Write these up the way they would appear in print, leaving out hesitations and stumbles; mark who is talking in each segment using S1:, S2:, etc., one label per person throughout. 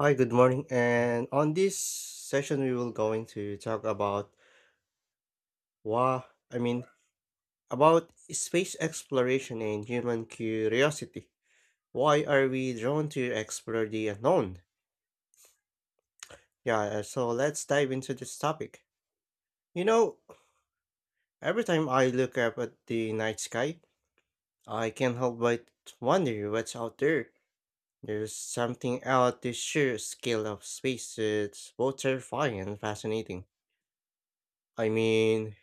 S1: Hi, good morning. And on this session, we will going to talk about why, I mean, about space exploration and human curiosity. Why are we drawn to explore the unknown? Yeah, so let's dive into this topic. You know, every time I look up at the night sky, I can't help but wonder what's out there. There's something out the sheer scale of space that's both terrifying and fascinating. I mean,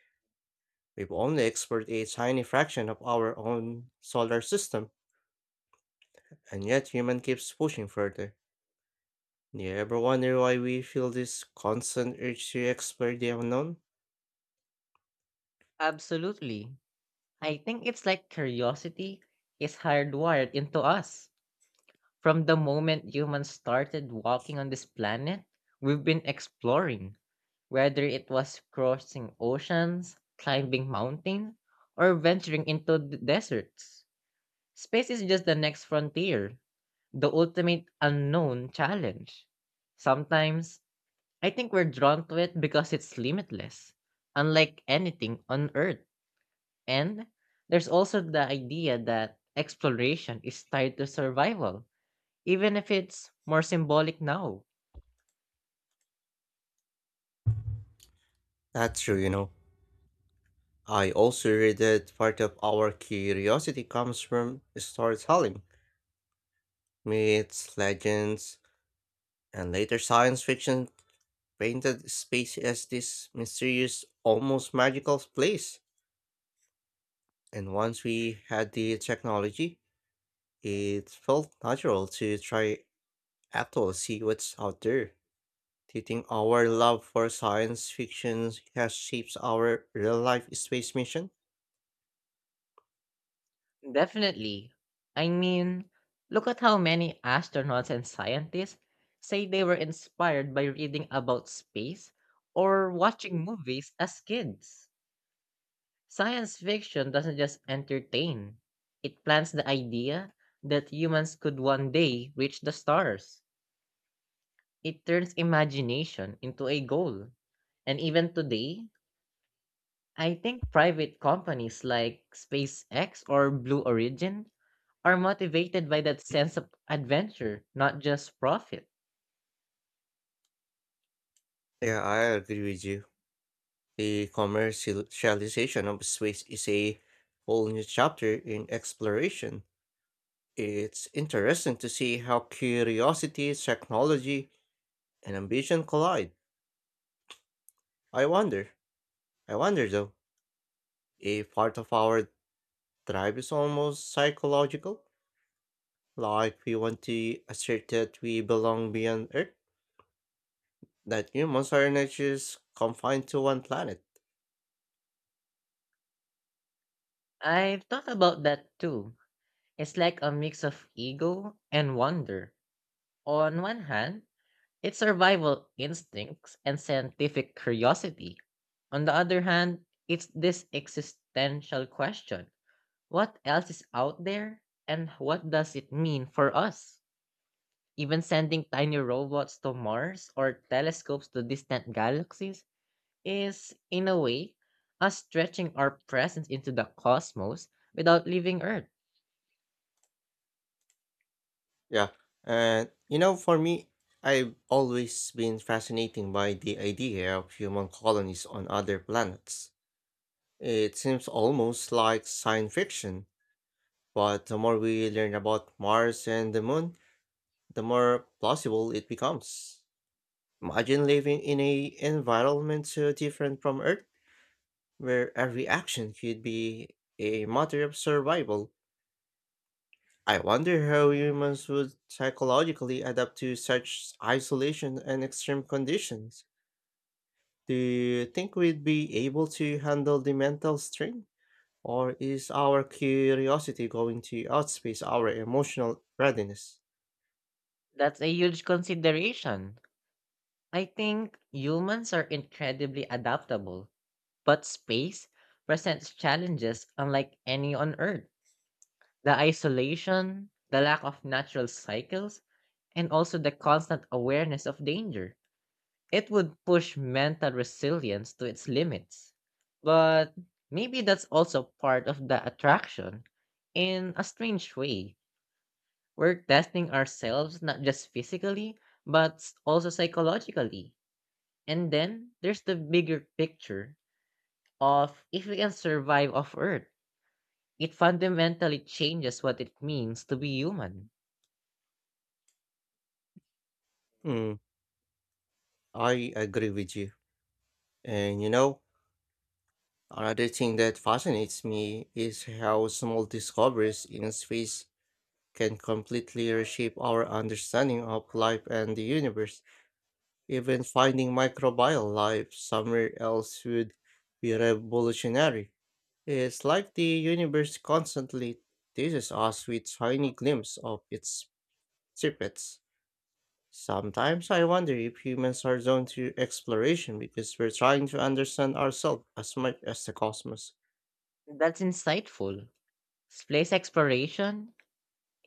S1: we've only explored a tiny fraction of our own solar system, and yet human keeps pushing further. Do you ever wonder why we feel this constant urge to explore the unknown?
S2: Absolutely. I think it's like curiosity is hardwired into us. From the moment humans started walking on this planet, we've been exploring, whether it was crossing oceans, climbing mountains, or venturing into deserts. Space is just the next frontier, the ultimate unknown challenge. Sometimes, I think we're drawn to it because it's limitless, unlike anything on Earth. And there's also the idea that exploration is tied to survival, even if it's more symbolic now.
S1: That's true, you know. I also read that part of our curiosity comes from storytelling, myths, legends, and later science fiction painted space as this mysterious, almost magical place. And once we had the technology, it felt natural to try actually see what's out there. Do you think our love for science fiction has shaped our real life space mission?
S2: Definitely. I mean, look at how many astronauts and scientists say they were inspired by reading about space or watching movies as kids. Science fiction doesn't just entertain, it plants the idea that humans could one day reach the stars. It turns imagination into a goal. And even today, I think private companies like SpaceX or Blue Origin are motivated by that sense of adventure, not just profit.
S1: Yeah, I agree with you. The commercialization of space is a whole new chapter in exploration. It's interesting to see how curiosity, technology, and ambition collide. I wonder, I wonder though, if part of our drive is almost psychological, like we want to assert that we belong beyond Earth, that humans are not just confined to one planet.
S2: I've thought about that too. It's like a mix of ego and wonder. On one hand, it's survival instincts and scientific curiosity. On the other hand, it's this existential question. What else is out there, and what does it mean for us? Even sending tiny robots to Mars or telescopes to distant galaxies is, in a way, us stretching our presence into the cosmos without leaving Earth.
S1: Yeah. And, you know, for me, I've always been fascinated by the idea of human colonies on other planets. It seems almost like science fiction, but the more we learn about Mars and the moon, the more plausible it becomes. Imagine living in a environment so different from Earth, where every action could be a matter of survival. I wonder how humans would psychologically adapt to such isolation and extreme conditions. Do you think we'd be able to handle the mental strain? Or is our curiosity going to outpace our emotional readiness?
S2: That's a huge consideration. I think humans are incredibly adaptable, but space presents challenges unlike any on Earth. The isolation, the lack of natural cycles, and also the constant awareness of danger. It would push mental resilience to its limits. But maybe that's also part of the attraction in a strange way. We're testing ourselves not just physically, but also psychologically. And then there's the bigger picture of if we can survive off Earth. It fundamentally changes what it means to be human.
S1: Hmm, I agree with you. And you know, another thing that fascinates me is how small discoveries in space can completely reshape our understanding of life and the universe. Even finding microbial life somewhere else would be revolutionary. It's like the universe constantly teases us with tiny glimpses of its secrets. Sometimes I wonder if humans are drawn to exploration because we're trying to understand ourselves as much as the cosmos.
S2: That's insightful. Space exploration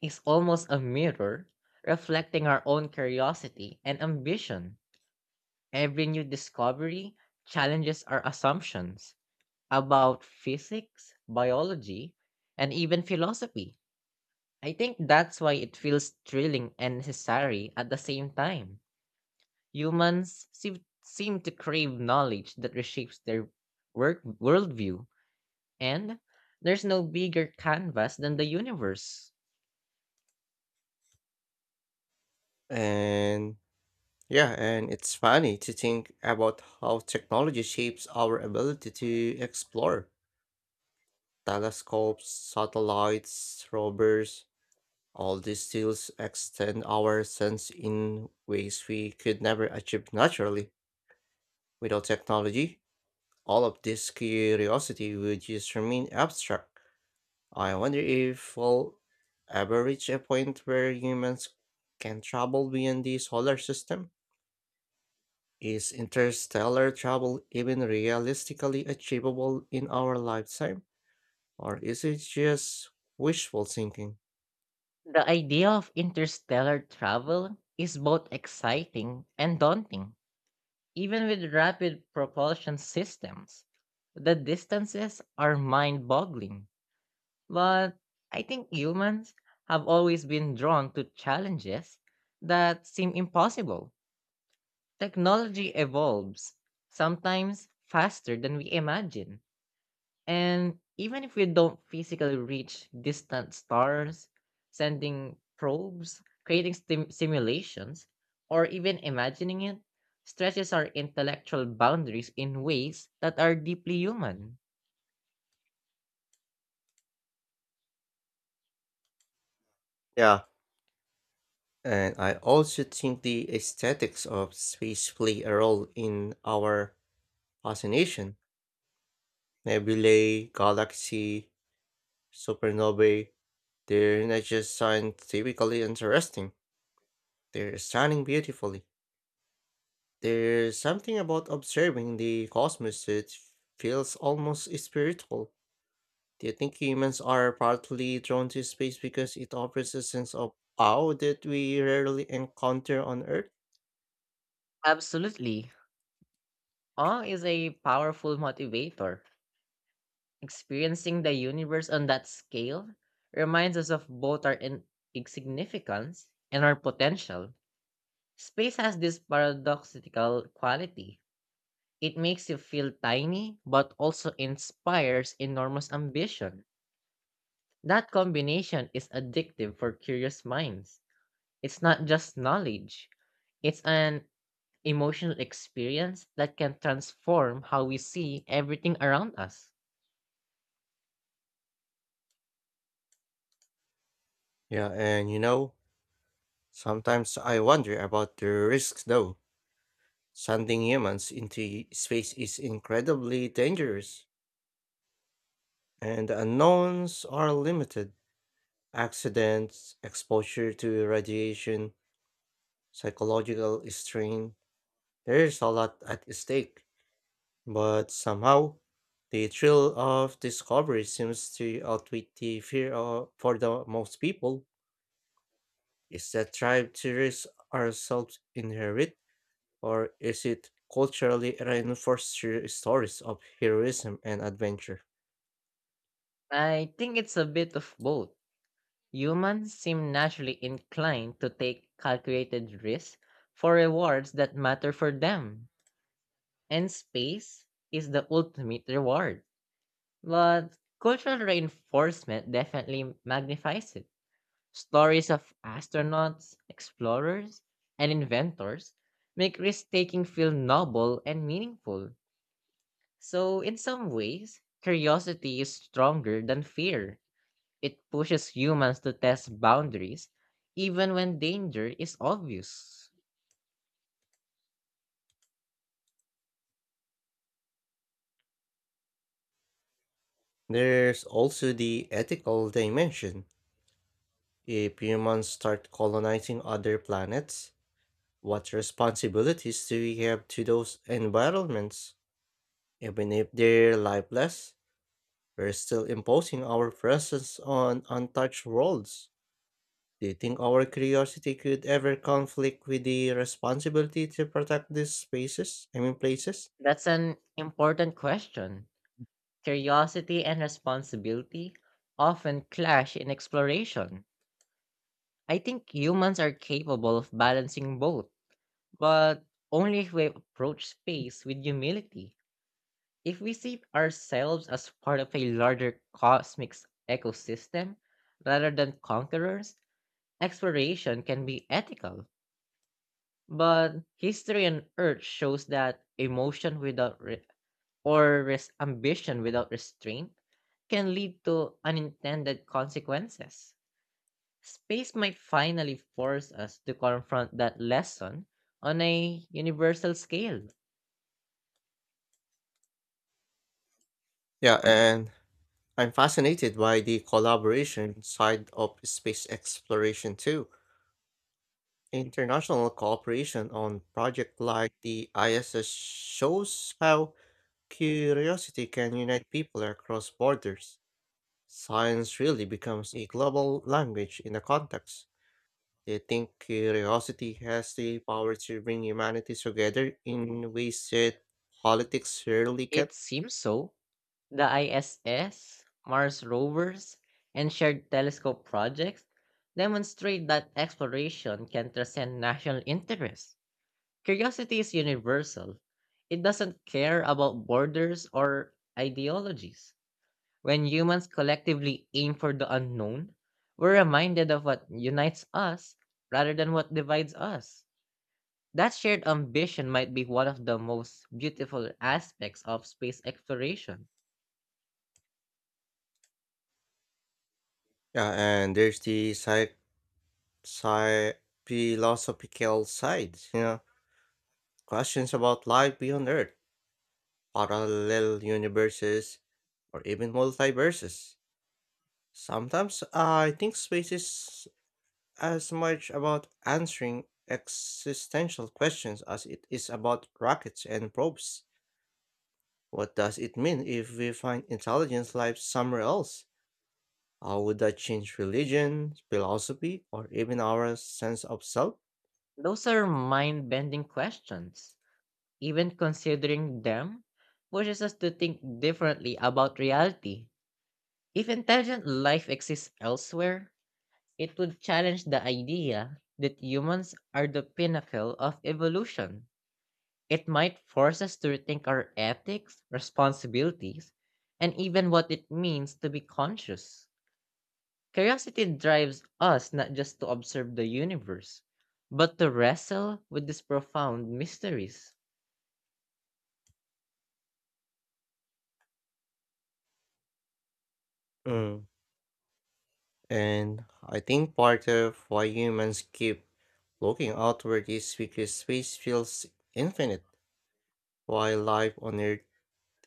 S2: is almost a mirror reflecting our own curiosity and ambition. Every new discovery challenges our assumptions about physics, biology, and even philosophy. I think that's why it feels thrilling and necessary at the same time. Humans seem to crave knowledge that reshapes their worldview, and there's no bigger canvas than the universe.
S1: And yeah, and it's funny to think about how technology shapes our ability to explore telescopes, satellites, rovers. All these tools extend our sense in ways we could never achieve naturally. Without technology, all of this curiosity would just remain abstract. I wonder if we'll ever reach a point where humans can travel beyond the solar system. Is interstellar travel even realistically achievable in our lifetime, or is it just wishful thinking?
S2: The idea of interstellar travel is both exciting and daunting, even with rapid propulsion systems. The distances are mind boggling, but I think humans have always been drawn to challenges that seem impossible. Technology evolves, sometimes faster than we imagine. And even if we don't physically reach distant stars, sending probes, creating simulations, or even imagining it stretches our intellectual boundaries in ways that are deeply human.
S1: Yeah, and I also think the aesthetics of space play a role in our fascination. Nebulae, galaxy, supernovae, they're not just scientifically interesting, they're stunning beautifully. There's something about observing the cosmos that feels almost spiritual. Do you think humans are partly drawn to space because it offers a sense of awe that we rarely encounter on Earth?
S2: Absolutely. Awe is a powerful motivator. Experiencing the universe on that scale reminds us of both our insignificance and our potential. Space has this paradoxical quality. It makes you feel tiny, but also inspires enormous ambition. That combination is addictive for curious minds. It's not just knowledge, it's an emotional experience that can transform how we see everything around us.
S1: Yeah, and you know, sometimes I wonder about the risks though. Sending humans into space is incredibly dangerous, and the unknowns are limited. Accidents, exposure to radiation, psychological strain, there's a lot at stake. But somehow, the thrill of discovery seems to outweigh the fear of, for the most people. Is that drive to risk ourselves inherit? Or is it culturally reinforced through stories of heroism and adventure?
S2: I think it's a bit of both. Humans seem naturally inclined to take calculated risks for rewards that matter for them, and space is the ultimate reward. But cultural reinforcement definitely magnifies it. Stories of astronauts, explorers, and inventors make risk taking feel noble and meaningful. So, in some ways, curiosity is stronger than fear. It pushes humans to test boundaries, even when danger is obvious.
S1: There's also the ethical dimension. If humans start colonizing other planets, what responsibilities do we have to those environments? Even if they're lifeless, we're still imposing our presence on untouched worlds. Do you think our curiosity could ever conflict with the responsibility to protect these spaces? I mean, places?
S2: That's an important question. Curiosity and responsibility often clash in exploration. I think humans are capable of balancing both, but only if we approach space with humility. If we see ourselves as part of a larger cosmic ecosystem rather than conquerors, exploration can be ethical. But history on Earth shows that emotion without ambition without restraint can lead to unintended consequences. Space might finally force us to confront that lesson on a universal scale.
S1: Yeah, and I'm fascinated by the collaboration side of space exploration too. International cooperation on projects like the ISS shows how curiosity can unite people across borders. Science really becomes a global language in a context. Do you think curiosity has the power to bring humanity together in ways that politics rarely can?
S2: It seems so. The ISS, Mars rovers, and shared telescope projects demonstrate that exploration can transcend national interests. Curiosity is universal, it doesn't care about borders or ideologies. When humans collectively aim for the unknown, we're reminded of what unites us rather than what divides us. That shared ambition might be one of the most beautiful aspects of space exploration.
S1: Yeah, and there's the sci- philosophical side, you know, questions about life beyond Earth, parallel universes, or even multiverses. Sometimes I think space is as much about answering existential questions as it is about rockets and probes. What does it mean if we find intelligence life somewhere else? How would that change religion, philosophy, or even our sense of self?
S2: Those are mind bending questions. Even considering them pushes us to think differently about reality. If intelligent life exists elsewhere, it would challenge the idea that humans are the pinnacle of evolution. It might force us to rethink our ethics, responsibilities, and even what it means to be conscious. Curiosity drives us not just to observe the universe, but to wrestle with these profound mysteries.
S1: Mm, and I think part of why humans keep looking outward is because space feels infinite, while life on Earth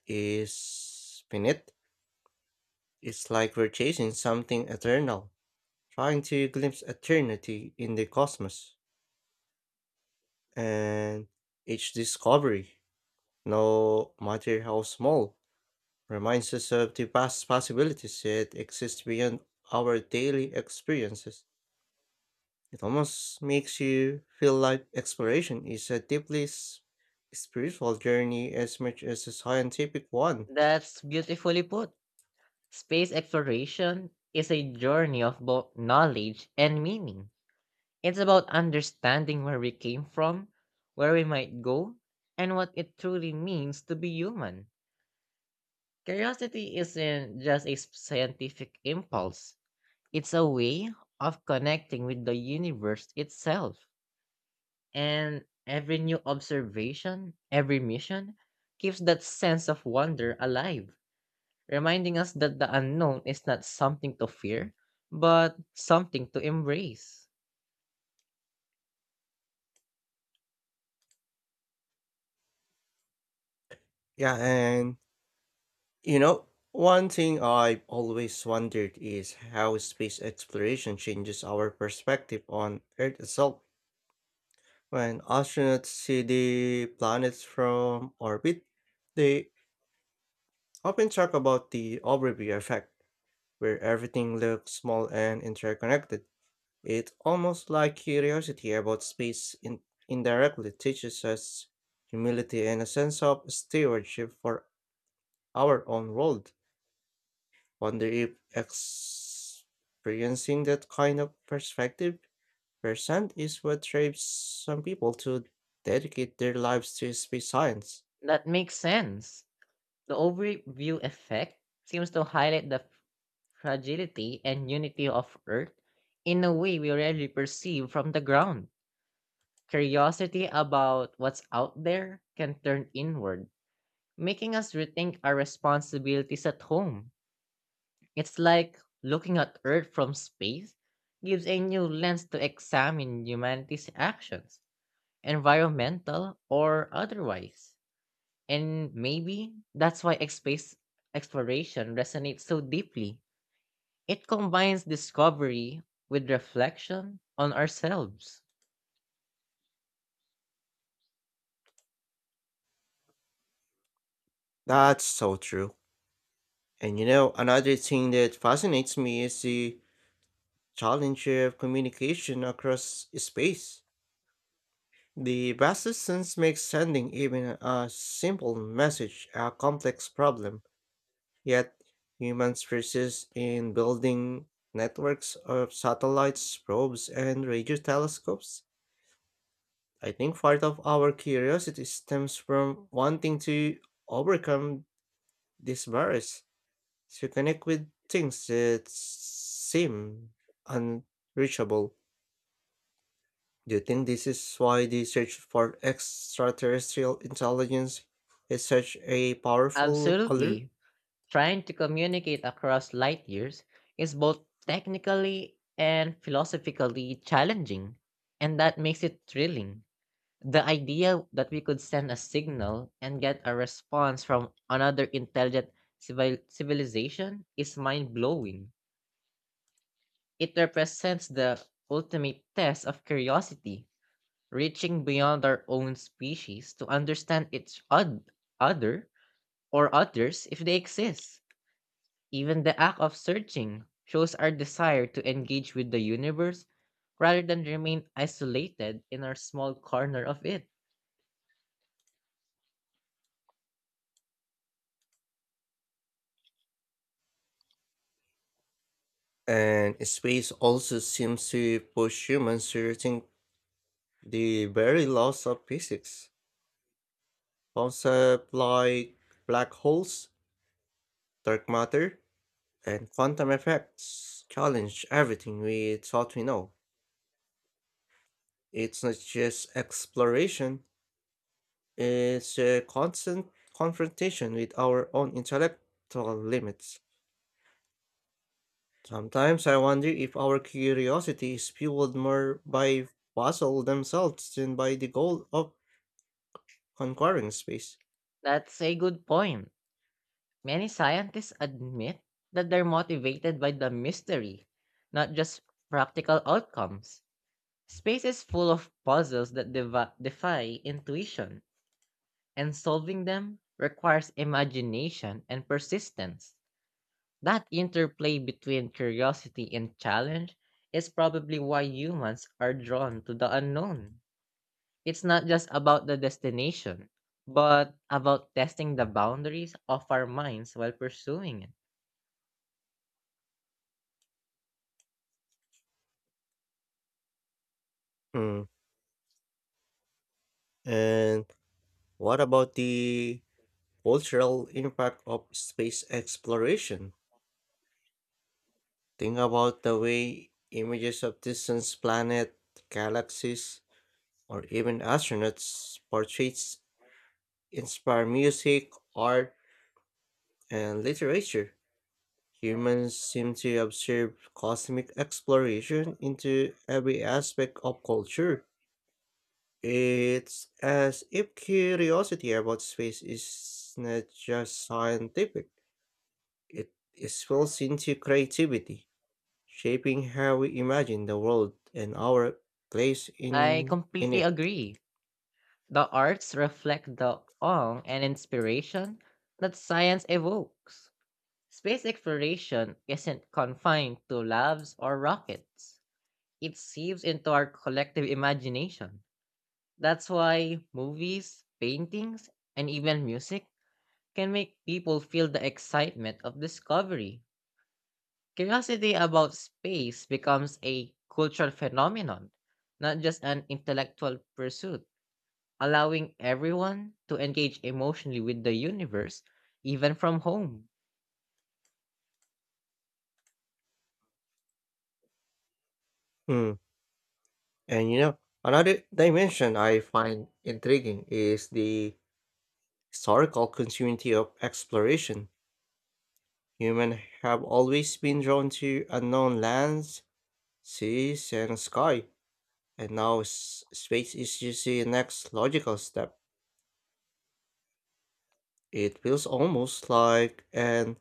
S1: is finite. It's like we're chasing something eternal, trying to glimpse eternity in the cosmos. And each discovery, no matter how small, reminds us of the vast possibilities that exist beyond our daily experiences. It almost makes you feel like exploration is a deeply spiritual journey as much as a scientific one.
S2: That's beautifully put. Space exploration is a journey of both knowledge and meaning. It's about understanding where we came from, where we might go, and what it truly means to be human. Curiosity isn't just a scientific impulse, it's a way of connecting with the universe itself. And every new observation, every mission, keeps that sense of wonder alive, reminding us that the unknown is not something to fear, but something to embrace.
S1: Yeah, and you know, one thing I've always wondered is how space exploration changes our perspective on Earth itself. When astronauts see the planets from orbit, they often talk about the overview effect, where everything looks small and interconnected. It's almost like curiosity about space indirectly teaches us humility and a sense of stewardship for our own world. Wonder if experiencing that kind of perspective percent is what drives some people to dedicate their lives to space science.
S2: That makes sense. The overview effect seems to highlight the fragility and unity of Earth in a way we rarely perceive from the ground. Curiosity about what's out there can turn inward, making us rethink our responsibilities at home. It's like looking at Earth from space gives a new lens to examine humanity's actions, environmental or otherwise. And maybe that's why space exploration resonates so deeply. It combines discovery with reflection on ourselves.
S1: That's so true. And you know, another thing that fascinates me is the challenge of communication across space. The vast distance makes sending even a simple message a complex problem. Yet, humans persist in building networks of satellites, probes, and radio telescopes. I think part of our curiosity stems from wanting to overcome this barrier. You connect with things that seem unreachable. Do you think this is why the search for extraterrestrial intelligence is such a powerful allure?
S2: Absolutely. Trying to communicate across light years is both technically and philosophically challenging, and that makes it thrilling. The idea that we could send a signal and get a response from another intelligent civilization is mind blowing. It represents the ultimate test of curiosity, reaching beyond our own species to understand its other or others if they exist. Even the act of searching shows our desire to engage with the universe rather than remain isolated in our small corner of it.
S1: And space also seems to push humans to rethink the very laws of physics. Concepts like black holes, dark matter, and quantum effects challenge everything we thought we know. It's not just exploration, it's a constant confrontation with our own intellectual limits. Sometimes I wonder if our curiosity is fueled more by puzzle themselves than by the goal of conquering space.
S2: That's a good point. Many scientists admit that they're motivated by the mystery, not just practical outcomes. Space is full of puzzles that defy intuition, and solving them requires imagination and persistence. That interplay between curiosity and challenge is probably why humans are drawn to the unknown. It's not just about the destination, but about testing the boundaries of our minds while pursuing it.
S1: Hmm. And what about the cultural impact of space exploration? Think about the way images of distant planets, galaxies, or even astronauts portraits inspire music, art, and literature. Humans seem to observe cosmic exploration into every aspect of culture. It's as if curiosity about space is not just scientific, it is spills into creativity, shaping how we imagine the world and our place
S2: I
S1: in, in
S2: completely
S1: it.
S2: agree. The arts reflect the awe and inspiration that science evokes. Space exploration isn't confined to labs or rockets. It seeps into our collective imagination. That's why movies, paintings, and even music can make people feel the excitement of discovery. Curiosity about space becomes a cultural phenomenon, not just an intellectual pursuit, allowing everyone to engage emotionally with the universe, even from home.
S1: Mm. And you know, another dimension I find intriguing is the historical continuity of exploration. Humans have always been drawn to unknown lands, seas, and sky, and now space is just the next logical step. It feels almost like an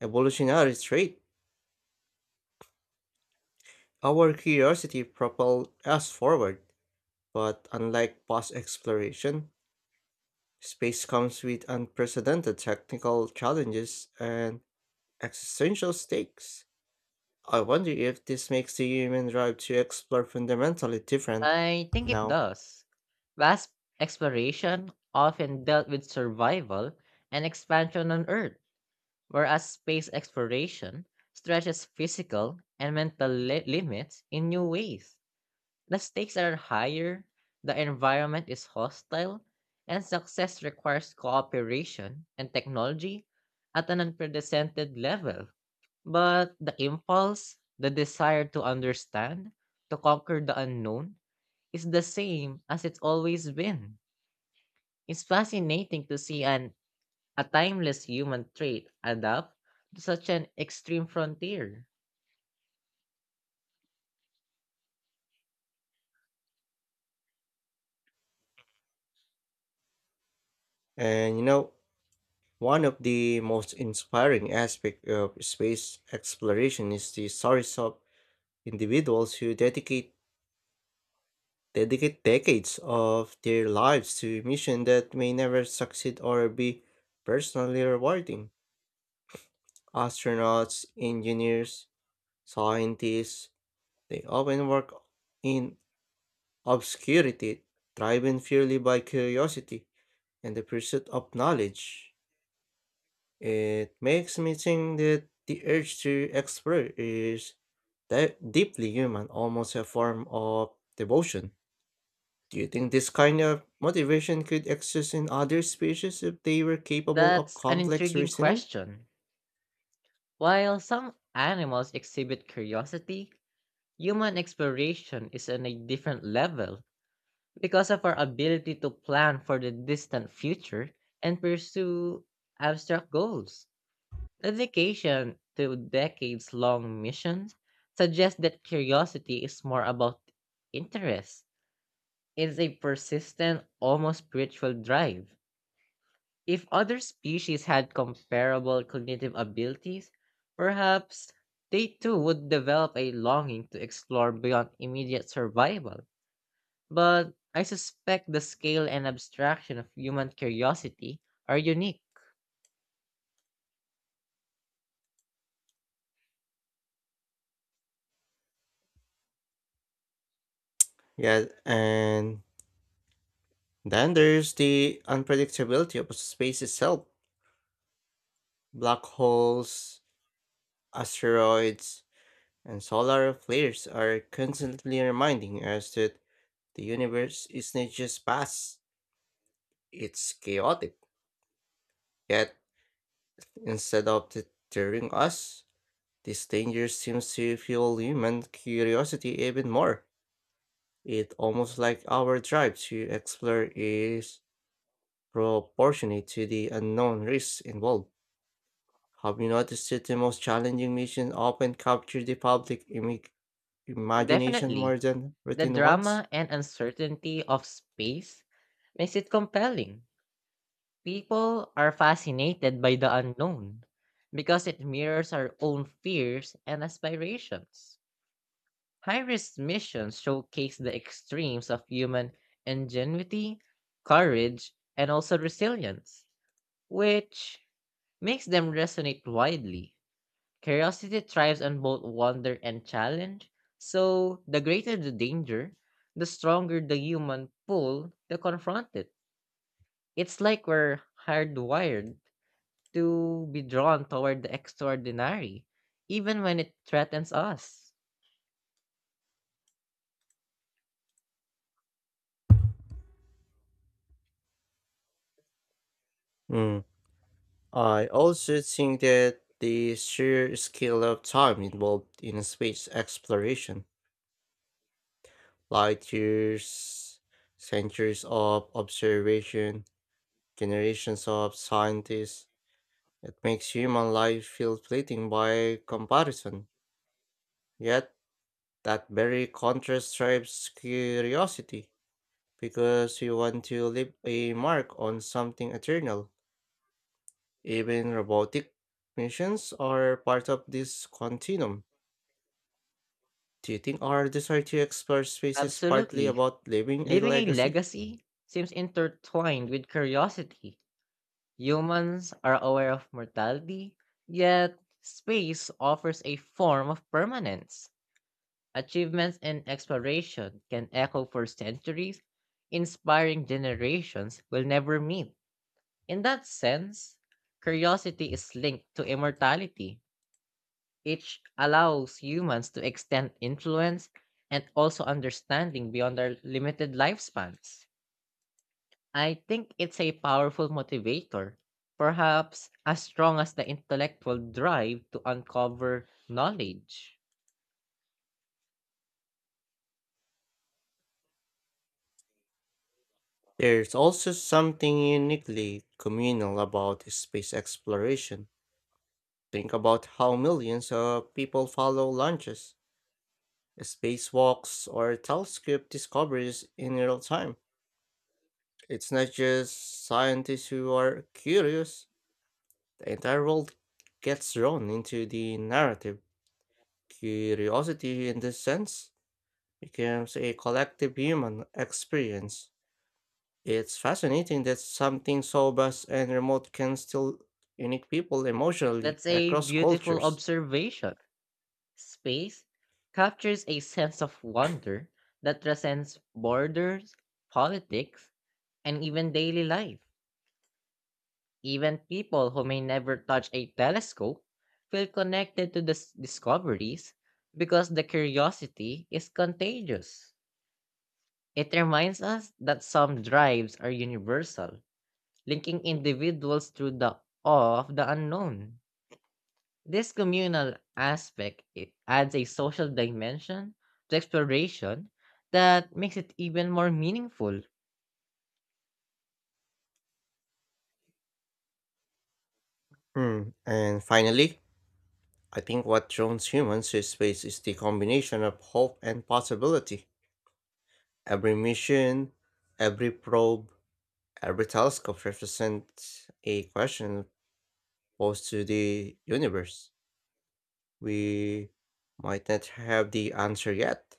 S1: evolutionary trait. Our curiosity propelled us forward, but unlike past exploration, space comes with unprecedented technical challenges and existential stakes. I wonder if this makes the human drive to explore fundamentally different
S2: I think it
S1: now.
S2: does. Vast exploration often dealt with survival and expansion on Earth, whereas space exploration stretches physical and mental limits in new ways. The stakes are higher, the environment is hostile, and success requires cooperation and technology at an unprecedented level. But the impulse, the desire to understand, to conquer the unknown, is the same as it's always been. It's fascinating to see an a timeless human trait adapt to such an extreme frontier.
S1: And you know, one of the most inspiring aspects of space exploration is the stories of individuals who dedicate decades of their lives to missions that may never succeed or be personally rewarding. Astronauts, engineers, scientists, they often work in obscurity, driven purely by curiosity and the pursuit of knowledge. It makes me think that the urge to explore is deeply human, almost a form of devotion. Do you think this kind of motivation could exist in other species if they were capable of
S2: That's an
S1: complex
S2: intriguing
S1: reasoning?
S2: question. While some animals exhibit curiosity, human exploration is on a different level because of our ability to plan for the distant future and pursue abstract goals. Dedication to decades long missions suggests that curiosity is more about interest. It's a persistent, almost spiritual drive. If other species had comparable cognitive abilities, perhaps they too would develop a longing to explore beyond immediate survival. But I suspect the scale and abstraction of human curiosity are unique.
S1: Yeah, and then there's the unpredictability of space itself. Black holes, asteroids, and solar flares are constantly reminding us that the universe is not just vast, it's chaotic. Yet, instead of deterring us, this danger seems to fuel human curiosity even more. It almost like our drive to explore is proportionate to the unknown risks involved. Have you noticed that the most challenging missions often capture the public imagination more
S2: Definitely,
S1: than
S2: the
S1: routine ones?
S2: drama and uncertainty of space makes it compelling. People are fascinated by the unknown because it mirrors our own fears and aspirations. High risk missions showcase the extremes of human ingenuity, courage, and also resilience, which makes them resonate widely. Curiosity thrives on both wonder and challenge, so the greater the danger, the stronger the human pull to confront it. It's like we're hardwired to be drawn toward the extraordinary, even when it threatens us.
S1: Hmm. I also think that the sheer scale of time involved in space exploration, light years, centuries of observation, generations of scientists, it makes human life feel fleeting by comparison. Yet, that very contrast drives curiosity, because we want to leave a mark on something eternal. Even robotic missions are part of this continuum. Do you think our desire to explore space is partly
S2: Absolutely.
S1: about leaving a
S2: Leaving a
S1: legacy?
S2: legacy seems intertwined with curiosity. Humans are aware of mortality, yet space offers a form of permanence. Achievements in exploration can echo for centuries, inspiring generations will never meet. In that sense, curiosity is linked to immortality, which allows humans to extend influence and also understanding beyond their limited lifespans. I think it's a powerful motivator, perhaps as strong as the intellectual drive to uncover knowledge.
S1: There's also something uniquely communal about space exploration. Think about how millions of people follow launches, spacewalks, or telescope discoveries in real time. It's not just scientists who are curious, the entire world gets drawn into the narrative. Curiosity, in this sense, becomes a collective human experience. It's fascinating that something so vast and remote can still unite people emotionally
S2: That's a
S1: across
S2: beautiful
S1: cultures.
S2: observation. Space captures a sense of wonder that transcends borders, politics, and even daily life. Even people who may never touch a telescope feel connected to the discoveries because the curiosity is contagious. It reminds us that some drives are universal, linking individuals through the awe of the unknown. This communal aspect it adds a social dimension to exploration that makes it even more meaningful.
S1: Hmm. And finally, I think what draws humans to space is the combination of hope and possibility. Every mission, every probe, every telescope represents a question posed to the universe. We might not have the answer yet,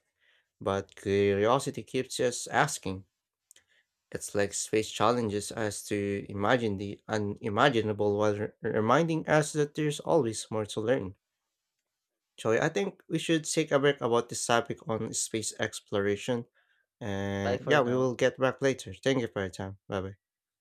S1: but curiosity keeps us asking. It's like space challenges us to imagine the unimaginable while reminding us that there's always more to learn. Joy, I think we should take a break about this topic on space exploration.
S2: Bye
S1: And
S2: for
S1: yeah, we
S2: now.
S1: will get back later. Thank you for your time. Bye bye.